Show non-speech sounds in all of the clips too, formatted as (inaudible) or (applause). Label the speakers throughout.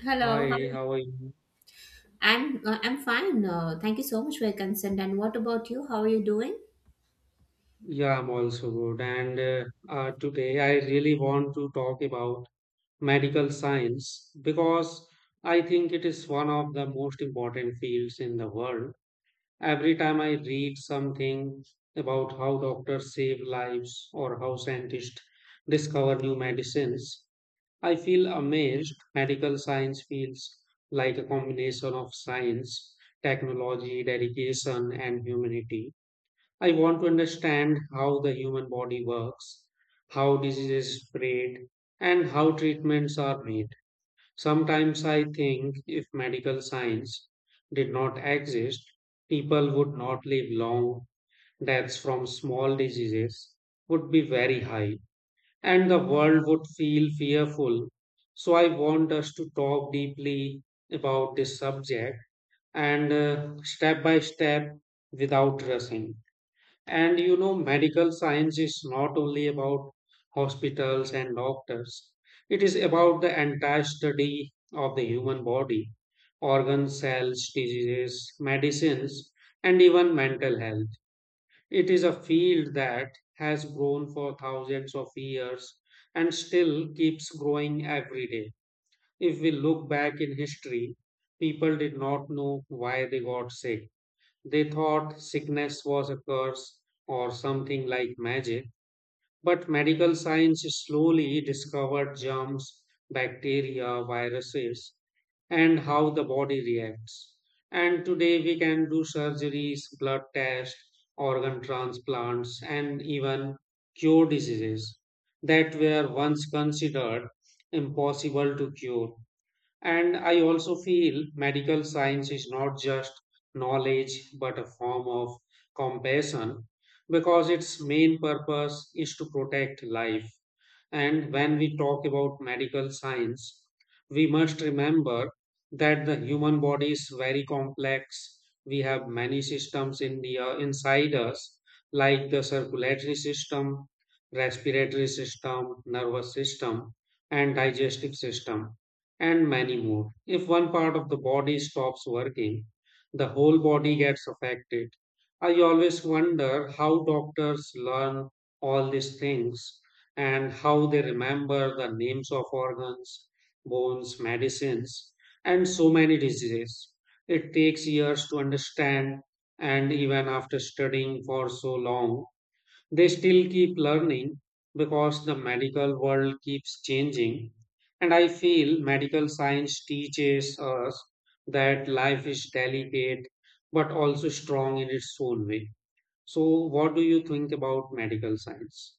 Speaker 1: Hello, how
Speaker 2: Hi, how are you?
Speaker 1: I'm fine. Thank you so much for your consent. And what about you? How are you doing?
Speaker 2: Yeah, I'm also good. And Today I really want to talk about medical science because I think it is one of the most important fields in the world. Every time I read something about how doctors save lives or how scientists discover new medicines, I feel amazed. Medical science feels like a combination of science, technology, dedication, and humanity. I want to understand how the human body works, how diseases spread, and how treatments are made. Sometimes I think if medical science did not exist, people would not live long. Deaths from small diseases would be very high, and the world would feel fearful. So, I want us to talk deeply about this subject and, step by step without rushing. And you know, medical science is not only about hospitals and doctors, it is about the entire study of the human body, organs, cells, diseases, medicines, and even mental health. It is a field that has grown for thousands of years and still keeps growing every day. If we look back in history, people did not know why they got sick. They thought sickness was a curse or something like magic, but medical science slowly discovered germs, bacteria, viruses, and how the body reacts. And today we can do surgeries, blood tests, organ transplants, and even cure diseases that were once considered impossible to cure. And I also feel medical science is not just knowledge but a form of compassion, because its main purpose is to protect life. And when we talk about medical science, we must remember that the human body is very complex. We have many systems in the, inside us, like the circulatory system, respiratory system, nervous system, and digestive system, and many more. If one part of the body stops working, the whole body gets affected. I always wonder how doctors learn all these things and how they remember the names of organs, bones, medicines, and so many diseases. It takes years to understand, and even after studying for so long, they still keep learning because the medical world keeps changing. And I feel medical science teaches us that life is delicate but also strong in its own way. So, what do you think about medical science?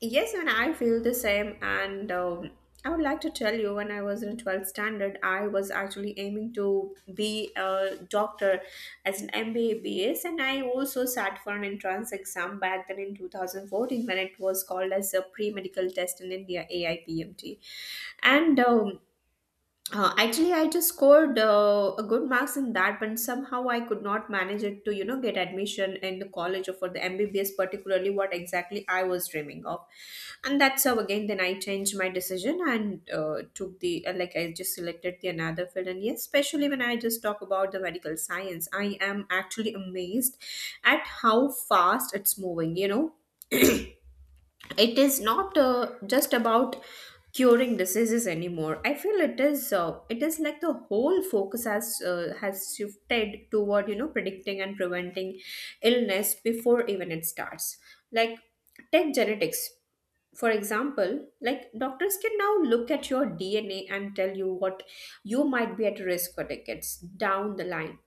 Speaker 1: Yes, and I feel the same. And I would like to tell you, when I was in 12th standard, I was actually aiming to be a doctor as an MBA, and I also sat for an entrance exam back then in 2014 when it was called as a pre medical test in India, AIPMT. And actually I just scored a good marks in that, but somehow I could not manage it to get admission in the college or for the MBBS, particularly what exactly I was dreaming of. And that's how again then I changed my decision and took the like I just selected the another field. And yes, especially when I just talk about the medical science, I am actually amazed at how fast it's moving. It is not just about curing diseases anymore. I feel it is like the whole focus has shifted toward predicting and preventing illness before even it starts. Like take genetics for example, like doctors can now look at your DNA and tell you what you might be at risk for decades down the line.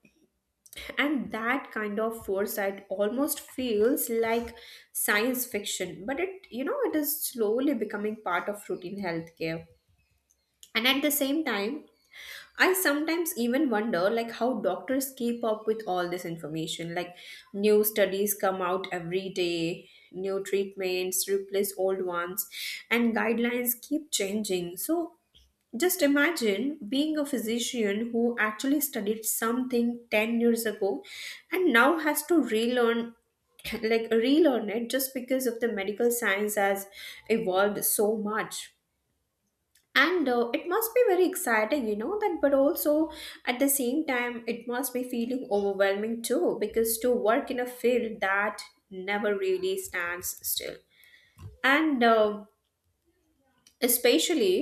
Speaker 1: And that kind of foresight almost feels like science fiction, but it is slowly becoming part of routine healthcare. And at the same time, I sometimes even wonder like how doctors keep up with all this information. Like new studies come out every day, new treatments replace old ones, and guidelines keep changing. So just imagine being a physician who actually studied something 10 years ago and now has to relearn (clears throat) like relearn it just because of the medical science has evolved so much. And it must be very exciting, that, but also at the same time it must be feeling overwhelming too, because to work in a field that never really stands still. And especially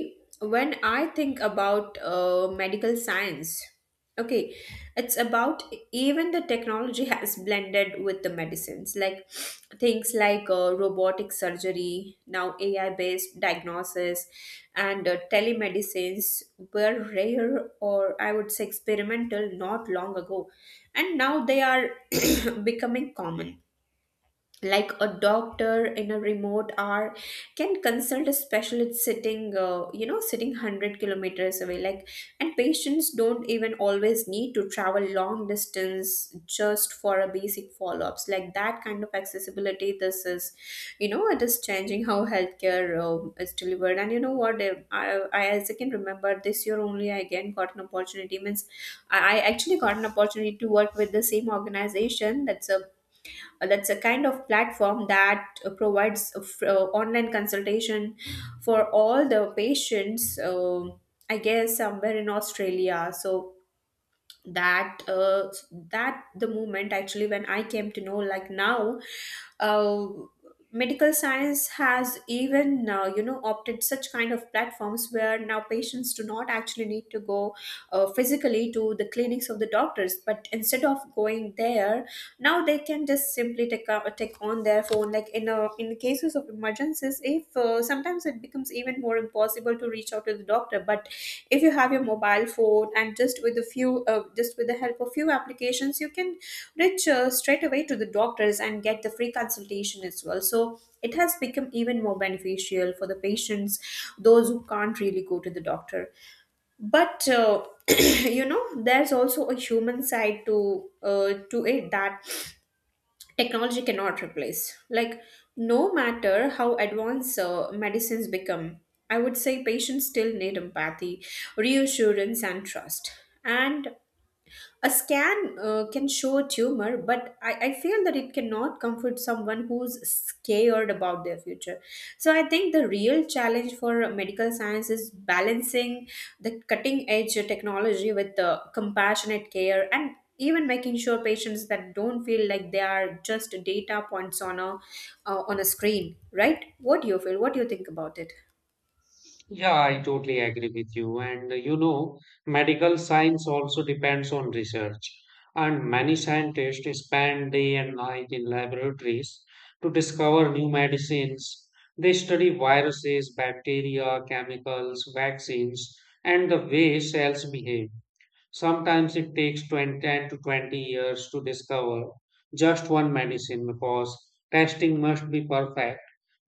Speaker 1: when I think about medical science, okay, it's about even the technology (laughs) has blended with the medicines, like things like robotic surgery, now AI based diagnosis, and telemedicines were rare, or I would say experimental, not long ago. And now they are (clears throat) becoming common, like a doctor in a remote hour can consult a specialist sitting you know sitting 100 kilometers away, like, and patients don't even always need to travel long distance just for a basic follow-ups. Like that kind of accessibility, this is you know it is changing how healthcare is delivered. And you know what, I as I can remember, this year only I again got an opportunity, means I actually got an opportunity to work with the same organization, that's a kind of platform that provides online consultation for all the patients, I guess, somewhere in Australia. So that uh, that the moment, actually, when I came to know, like, now uh, medical science has even opted such kind of platforms where now patients do not actually need to go physically to the clinics of the doctors, but instead of going there, now they can just simply take a take on their phone, like in cases of emergencies. If sometimes it becomes even more impossible to reach out to the doctor, but if you have your mobile phone and just with the help of few applications, you can reach straight away to the doctors and get the free consultation as well. So it has become even more beneficial for the patients, those who can't really go to the doctor. But (clears throat) there's also a human side to, to it that technology cannot replace. Like no matter how advanced medicines become, I would say patients still need empathy, reassurance, and trust. And a scan can show a tumor, but I feel that it cannot comfort someone who's scared about their future. So I think the real challenge for medical science is balancing the cutting edge technology with the compassionate care, and even making sure patients that don't feel like they are just data points on a screen, right? What do you feel? What do you think about it?
Speaker 2: Yeah, I totally agree with you. And you know, medical science also depends on research. And many scientists spend day and night in laboratories to discover new medicines. They study viruses, bacteria, chemicals, vaccines, and the way cells behave. Sometimes it takes 20, 10 to 20 years to discover just one medicine because testing must be perfect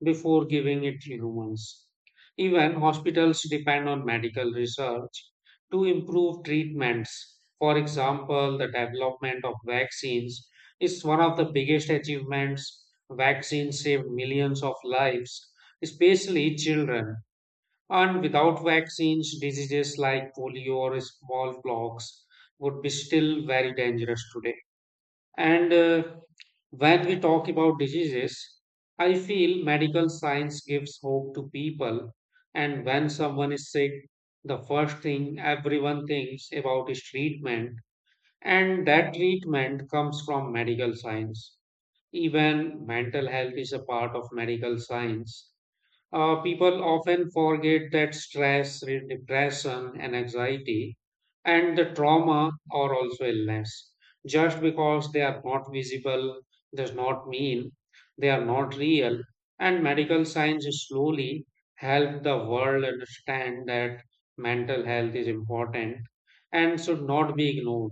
Speaker 2: before giving it to humans. Even hospitals depend on medical research to improve treatments. For example, the development of vaccines is one of the biggest achievements. Vaccines saved millions of lives, especially children. And without vaccines, diseases like polio or smallpox would be still very dangerous today. And when we talk about diseases, I feel medical science gives hope to people. And when someone is sick, the first thing everyone thinks about is treatment. And that treatment comes from medical science. Even mental health is a part of medical science. People often forget that stress, depression, and anxiety and the trauma are also illness. Just because they are not visible does not mean they are not real. And medical science slowly help the world understand that mental health is important and should not be ignored.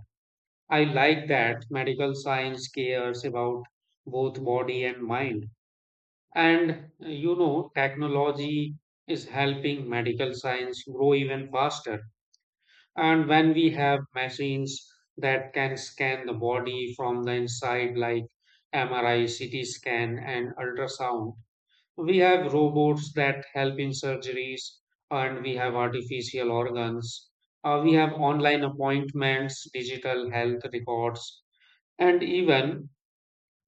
Speaker 2: I like that medical science cares about both body and mind. And you know, technology is helping medical science grow even faster. And when we have machines that can scan the body from the inside, like MRI, CT scan, and ultrasound, we have robots that help in surgeries, and we have artificial organs. We have online appointments, digital health records, and even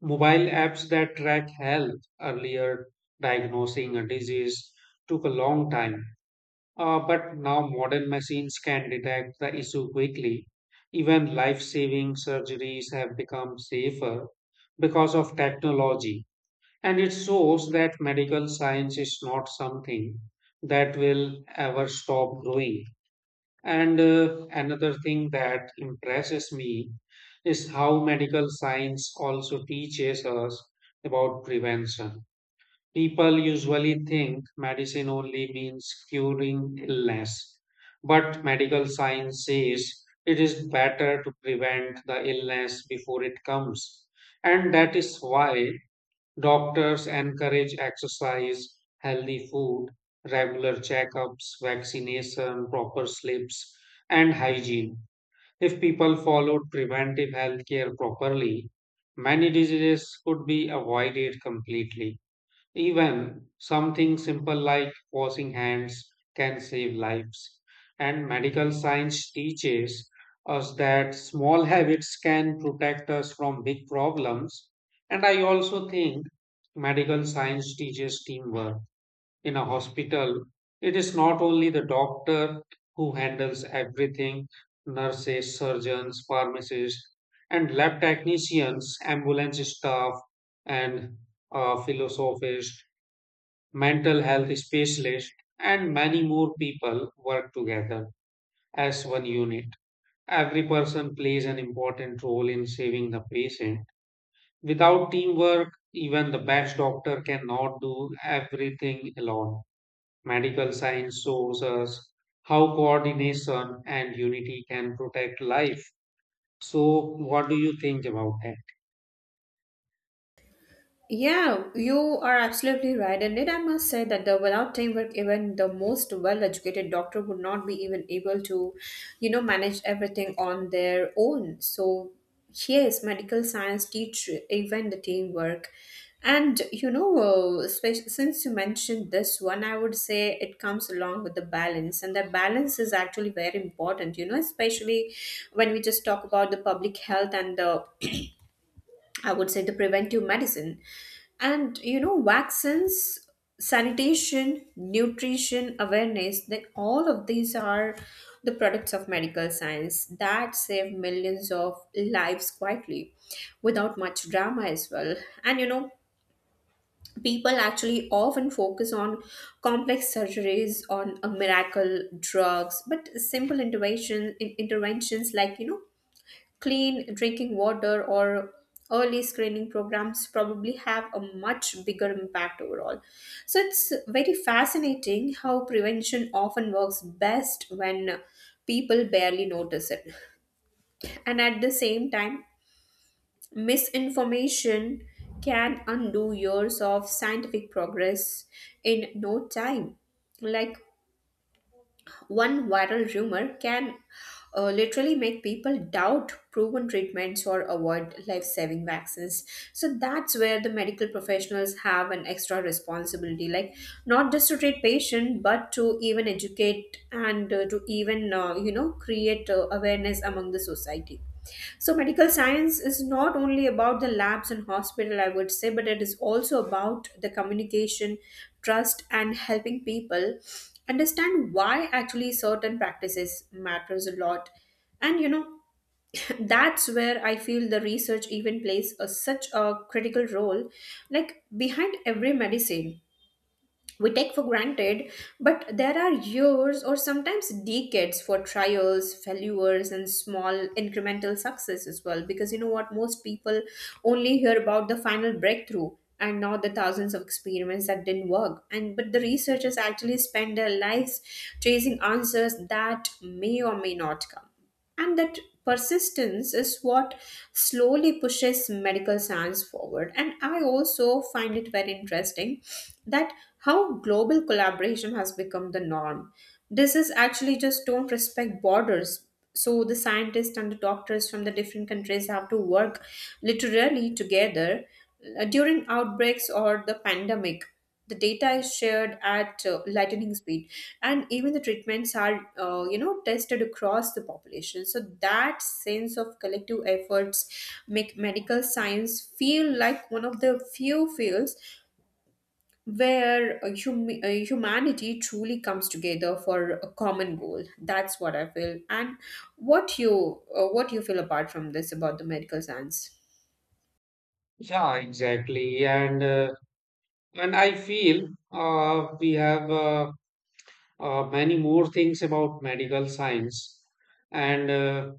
Speaker 2: mobile apps that track health. Earlier, diagnosing a disease took a long time. But now modern machines can detect the issue quickly. Even life saving surgeries have become safer because of technology. And it shows that medical science is not something that will ever stop growing. And another thing that impresses me is how medical science also teaches us about prevention. People usually think medicine only means curing illness, but medical science says it is better to prevent the illness before it comes. And that is why doctors encourage exercise, healthy food, regular checkups, vaccination, proper sleeps, and hygiene. If people followed preventive health care properly, many diseases could be avoided completely. Even something simple like washing hands can save lives. And medical science teaches us that small (laughs) habits can protect us from big problems. And I also think medical science teaches teamwork. In a hospital, it is not only the doctor who handles everything, nurses, surgeons, pharmacists, and lab technicians, ambulance staff, and philosophists, mental health specialists, and many more people work together as one unit. Every person plays an important role in saving the patient. Without teamwork, even the best doctor cannot do everything alone. Medical science shows us how coordination and unity can protect life. So, what do you think about that?
Speaker 1: Yeah, you are absolutely right. And I must say that the without teamwork, even the most well-educated doctor would not be even able to, manage everything on their own. So yes, medical science teach even the teamwork. And since you mentioned this one, I would say it comes along with the balance, and the balance is actually very important. Especially when we just talk about the public health and the, I would say, the preventive medicine. And vaccines, sanitation, nutrition, awareness, then all of these are the products of medical science that save millions of lives quietly, without much drama as well. And people actually often focus on complex surgeries on a miracle drugs, but simple interventions, like clean drinking water or early screening programs, probably have a much bigger impact overall. So it's very fascinating how prevention often works best when people barely notice it. And at the same time, misinformation can undo years of scientific progress in no time. Like one viral rumor can literally make people doubt proven treatments or avoid life saving vaccines. So that's where the medical professionals have an extra responsibility, like, not just to treat patient, but to even educate and to even, create awareness among the society. So medical science is not only about the labs and hospital, I would say, but it is also about the communication, trust, and helping people understand why actually certain practices matters a lot. And (laughs) that's where I feel the research even plays such a critical role, like behind every medicine we take for granted, but there are years, or sometimes decades, for trials, failures, and small incremental success as well. Because you know what, most people only hear about the final breakthrough and not the thousands of experiments that didn't work. And but the researchers actually spend their lives chasing answers that may or may not come. And that persistence is what slowly pushes medical science forward. And I also find it very interesting that how global collaboration has become the norm. This is actually just don't respect borders. So the scientists and the doctors from the different countries have to work literally together during outbreaks or the pandemic. The data is shared at lightning speed, and even the treatments are tested across the population. So that sense of collective efforts make medical science feel like one of the few fields where humanity truly comes together for a common goal. That's what I feel. And what you feel apart from this about the medical science?
Speaker 2: Yeah, exactly. And I feel we have. Many more things about medical science, and uh,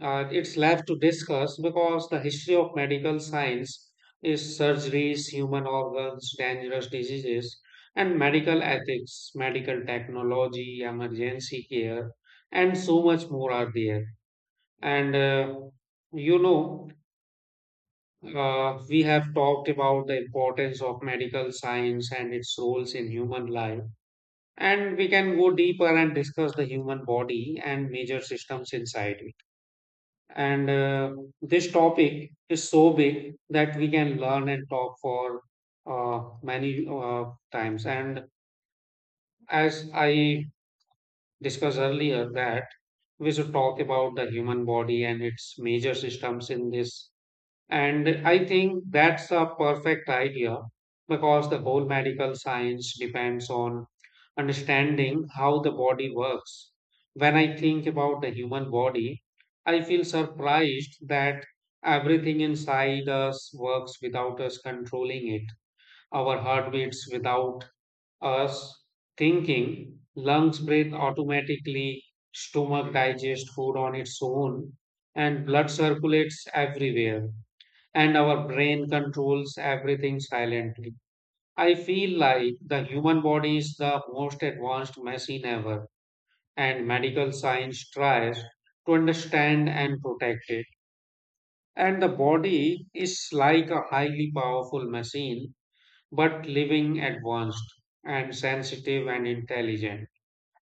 Speaker 2: uh, it's left to discuss because the history of medical science is surgeries, human organs, dangerous diseases, and medical ethics, medical technology, emergency care, and so much more are there. And you know, we have talked about the importance of medical science and its roles in human life, and we can go deeper and discuss the human body and major systems inside it, and this topic is so big that we can learn and talk for many times, and as I discussed earlier that we should talk about the human body and its major systems in this. And I think that's a perfect idea because the whole medical science depends on understanding how the body works. When I think about the human body, I feel surprised that everything inside us works without us controlling it. Our heart beats without us thinking, lungs breathe automatically, stomach digests food on its own, and blood circulates everywhere and our brain controls everything silently. I feel like the human body is the most advanced machine ever, and medical science tries to understand and protect it. And the body is like a highly powerful machine, but living, advanced and sensitive and intelligent.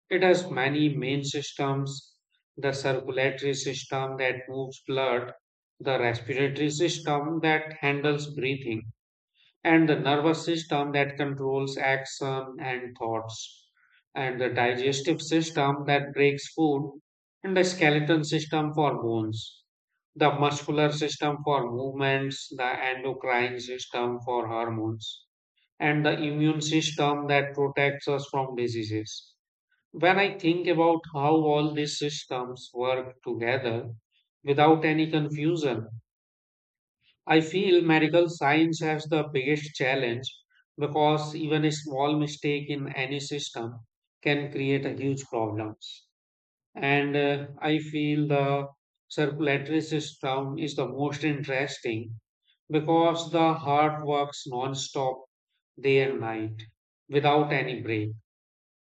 Speaker 2: It has many main systems: the circulatory system that moves blood, the respiratory system that handles breathing, and the nervous system that controls action and thoughts, and the digestive system that breaks food, and the skeleton system for bones, the muscular system for movements, the endocrine system for hormones, and the immune system that protects us from diseases. When I think about how all these systems work together without any confusion, I feel medical science has the biggest challenge because even a small mistake in any system can create a huge problems. And I feel the circulatory system is the most interesting because the heart works non-stop day and night without any break,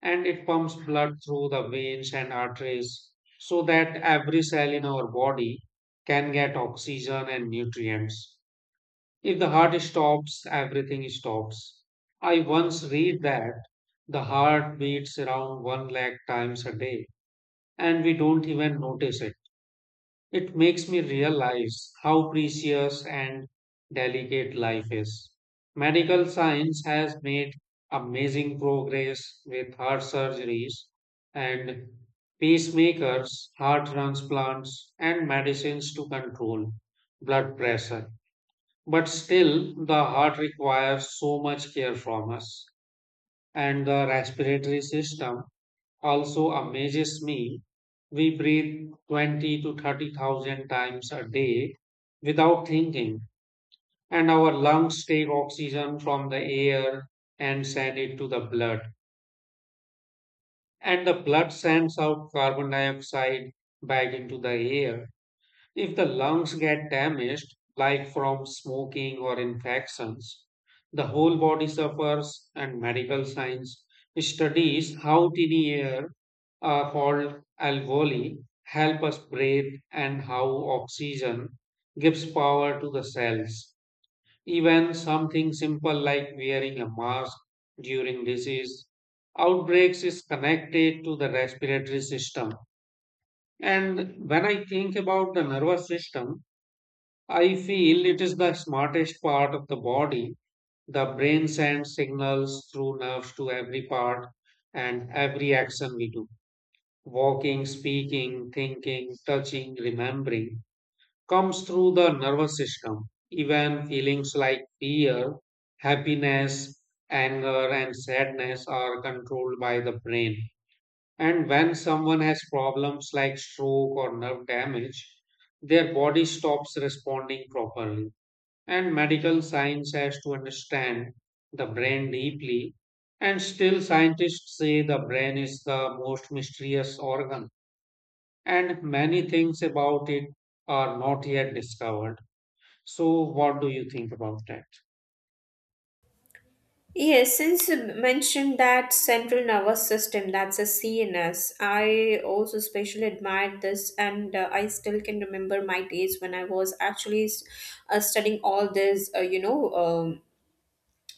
Speaker 2: and it pumps blood through the veins and arteries so that every cell in our body can get oxygen and nutrients. If the heart stops, everything stops. I once read that the heart beats around 1 lakh times a day and we don't even notice it. It makes me realize how precious and delicate life is. Medical science has made amazing progress with heart surgeries and pacemakers, heart transplants, and medicines to control blood pressure. But still, the heart requires so much care from us. And the respiratory system also amazes me. We breathe 20 to 30,000 times a day without thinking, and our lungs take oxygen from the air and send it to the blood. And the blood sends out carbon dioxide back into the air. If the lungs get damaged, like from smoking or infections, the whole body suffers, and medical science studies how tiny air, called alveoli, help us breathe and how oxygen gives power to the cells. Even something simple like wearing a mask during disease outbreaks is connected to the respiratory system. And when I think about the nervous system, I feel it is the smartest part of the body. The brain sends signals through nerves to every part and every action we do. Walking, speaking, thinking, touching, remembering comes through the nervous system. Even feelings like fear, happiness, anger, and sadness are controlled by the brain. And when someone has problems like stroke or nerve damage, their body stops responding properly, and medical science has to understand the brain deeply. And still scientists say the brain is the most mysterious organ and many things about it are not yet discovered. So what do you think about that?
Speaker 1: Yes, since you mentioned that central nervous system, that's a CNS, I also especially admired this. And I still can remember my days when I was actually studying all this,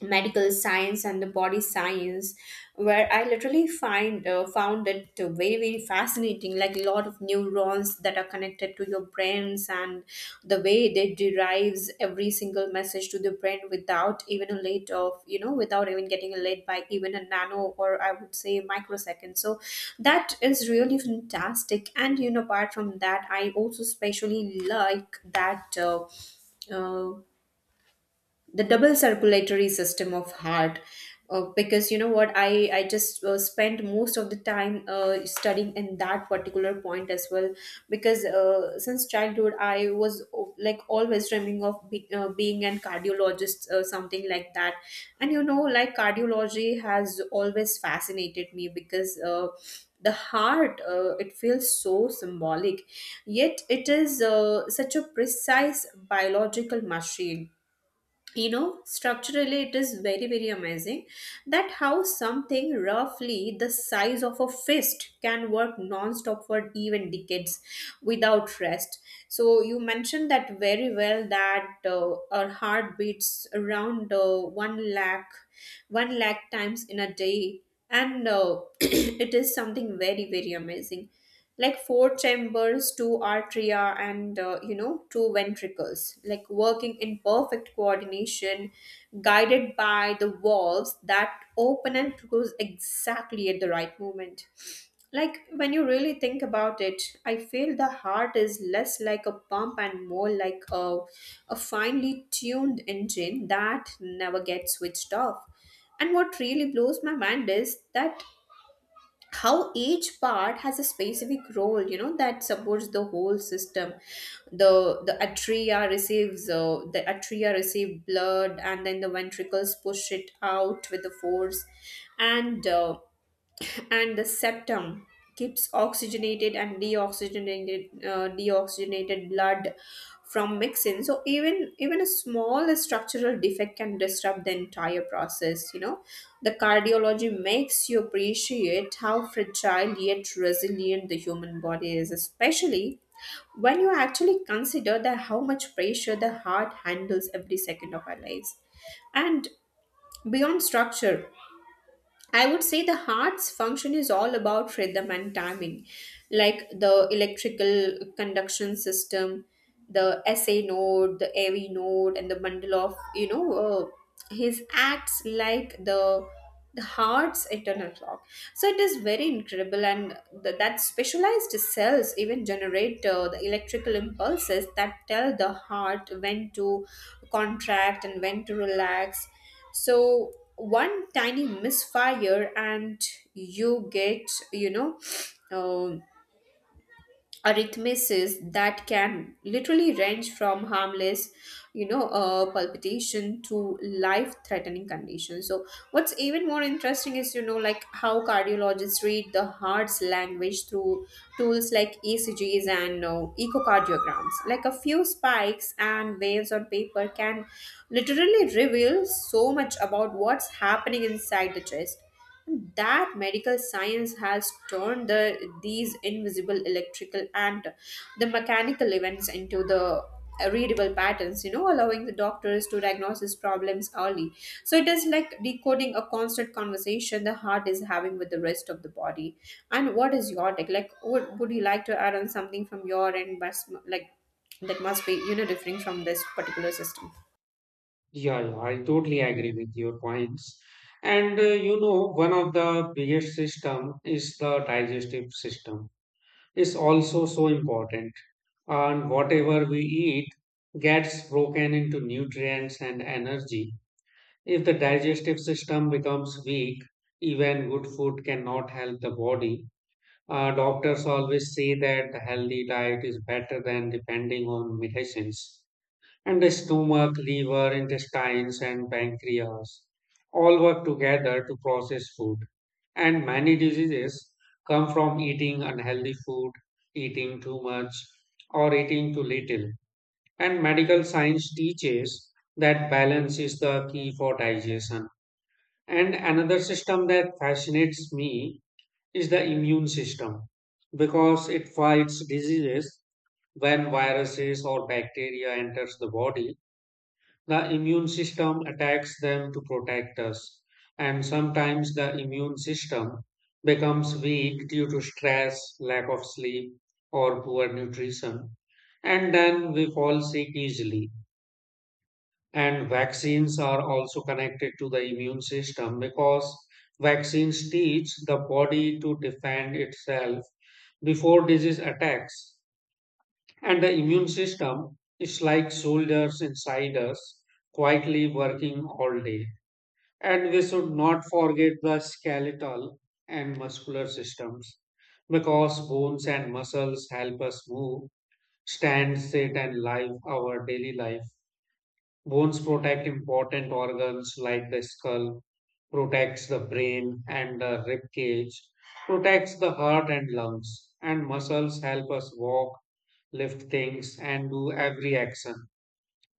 Speaker 1: medical science and the body science, where I literally find found it very very fascinating, like a lot of neurons that are connected to your brains, and the way they derives every single message to the brain without even a late of you know without even getting a late by even a nano, or I would say microsecond. So that is really fantastic. And apart from that, I also especially like that uh, the double circulatory system of heart, because you know what, I just spent most of the time studying in that particular point as well. Because since childhood, I was like, always dreaming of being an cardiologist, something like that. And like cardiology has always fascinated me, because the heart, it feels so symbolic, yet it is such a precise biological machine. Structurally it is very very amazing, that how something roughly the size of a fist can work non-stop for even decades without rest. So you mentioned that very well, that our heart beats around 1 lakh times in a day. And (clears throat) it is something very very amazing. Like four chambers, two atria, and two ventricles, like working in perfect coordination, guided by the valves that open and close exactly at the right moment. Like when you really think about it, I feel the heart is less like a pump and more like a finely tuned engine that never gets switched off. And what really blows my mind is that how each part has a specific role, you know, that supports the whole system. The atria receives the atria receive blood, and then the ventricles push it out with the force. And and the septum keeps oxygenated and deoxygenated blood from mixing. So even a small structural defect can disrupt the entire process, you know. The cardiology makes you appreciate how fragile yet resilient the human body is, especially when you actually consider that how much pressure the heart handles every second of our lives. And beyond structure, I would say the heart's function is all about rhythm and timing, like the electrical conduction system, the SA node, the AV node, and the bundle of his acts like the heart's eternal clock. So it is very incredible, and that specialized cells even generate the electrical impulses that tell the heart when to contract and when to relax. So one tiny misfire and you get, you know, (sniffs) um arrhythmias that can literally range from harmless, palpitation, to life threatening conditions. So what's even more interesting is, you know, like how cardiologists read the heart's language through tools like ecgs and echocardiograms. Like a few spikes and waves on paper can literally reveal so much about what's happening inside the chest, that medical science has turned these invisible electrical and the mechanical events into the readable patterns, you know, allowing the doctors to diagnose his problems early. So it is like decoding a constant conversation the heart is having with the rest of the body. And what is your take? Like would you like to add on something from your end must like that must be, you know, differing from this particular system?
Speaker 2: Yeah, I totally agree with your points. And you know, one of the biggest system is the digestive system. It's also so important, and whatever we eat gets broken into nutrients and energy. If the digestive system becomes weak, even good food cannot help the body. Doctors always say that the healthy diet is better than depending on medicines. And the stomach, liver, intestines, and pancreas all work together to process food. And many diseases come from eating unhealthy food, eating too much, or eating too little. And medical science teaches that balance is the key for digestion. And another system that fascinates me is the immune system because it fights diseases. When viruses or bacteria enters the body, the immune system attacks them to protect us, and sometimes the immune system becomes weak due to stress, lack of sleep, or poor nutrition, and then we fall sick easily. And vaccines are also connected to the immune system because vaccines teach the body to defend itself before disease attacks. And the immune system is like soldiers inside us, quietly working all day. And we should not forget the skeletal and muscular systems, because bones and muscles help us move, stand, sit, and live our daily life. Bones protect important organs like the skull, protects the brain and the rib cage, protects the heart and lungs, and muscles help us walk, lift things, and do every action.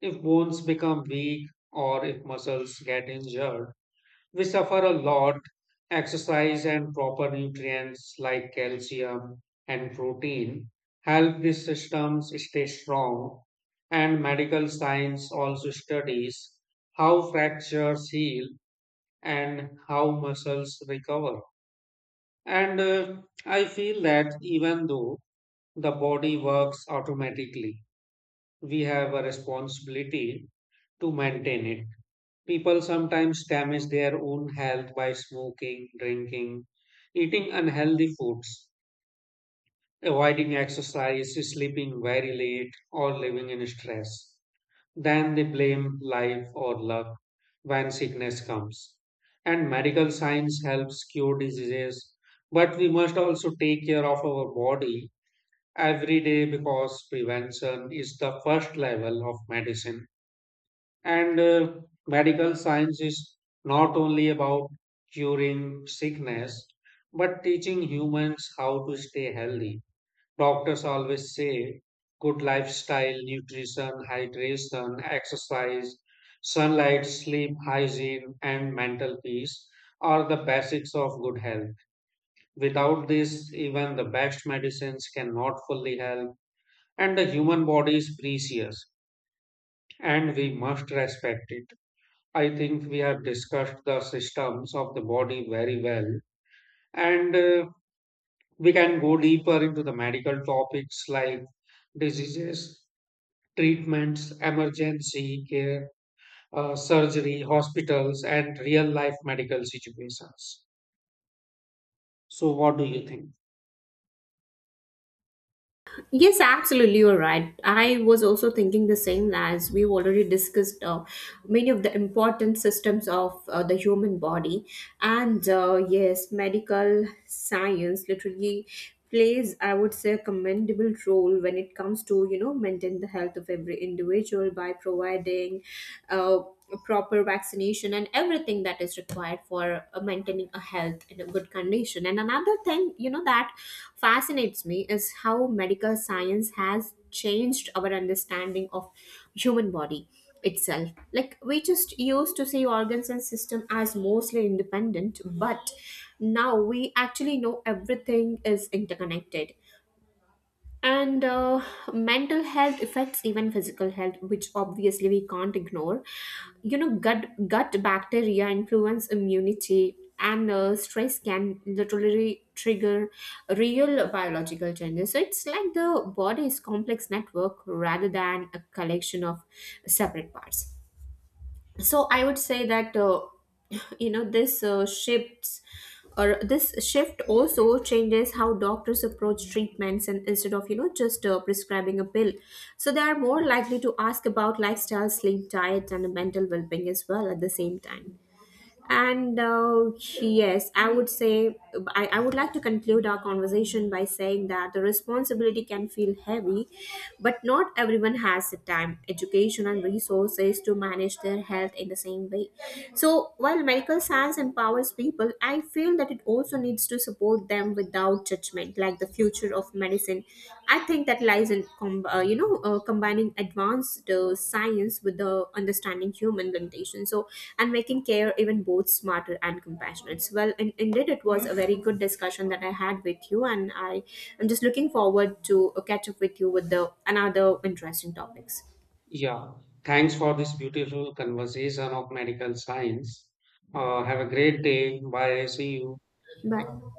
Speaker 2: If bones become weak or if muscles get injured, we suffer a lot. Exercise and proper nutrients like calcium and protein help these systems stay strong. And medical science also studies how fractures heal and how muscles recover. And I feel that even though the body works automatically, we have a responsibility to maintain it. People sometimes damage their own health by smoking, drinking, eating unhealthy foods, avoiding exercise, sleeping very late, or living in stress. Then they blame life or luck when sickness comes. And medical science helps cure diseases, but we must also take care of our body every day because prevention is the first level of medicine. And medical science is not only about curing sickness, but teaching humans how to stay healthy. Doctors always say good lifestyle, nutrition, hydration, exercise, sunlight, sleep, hygiene, and mental peace are the basics of good health. Without this, even the best medicines cannot fully help. And the human body is precious, and we must respect it. I think we have discussed the systems of the body very well, and we can go deeper into the medical topics like diseases, treatments, emergency care, surgery, hospitals, and real life medical situations. So, what do you think?
Speaker 1: Yes, absolutely, you're right. I was also thinking the same. As we've already discussed many of the important systems of the human body. And yes, medical science literally plays, I would say, a commendable role when it comes to, you know, maintain the health of every individual by providing uh, proper vaccination and everything that is required for maintaining a health in a good condition. And another thing, you know, that fascinates me is how medical science has changed our understanding of human body itself. Like we just used to see organs and system as mostly independent, but now we actually know everything is interconnected. And Mental health affects even physical health, which obviously we can't ignore, you know. Gut bacteria influence immunity, and stress can literally trigger real biological changes. So it's like the body's complex network rather than a collection of separate parts. So I would say that (clears throat) (laughs) you know, this shift also changes how doctors approach treatments. And instead of, you know, just prescribing a pill, so they are more likely to ask about lifestyle, sleep, diet, and mental well-being as well at the same time. And yes, I would say I would like to conclude our conversation by saying that the responsibility can feel heavy, but not everyone has the time, education, and resources to manage their health in the same way. So, while medical science empowers people, I feel that it also needs to support them without judgment. Like the future of medicine, I think, that lies in combining advanced science with the understanding human limitation. So, and making care even both smarter and compassionate. So, well, indeed, it was a very good discussion that I had with you, and I am just looking forward to catch up with you with the another interesting topics.
Speaker 2: Yeah, thanks for this beautiful conversation of medical science. Have a great day. Bye. See you.
Speaker 1: Bye.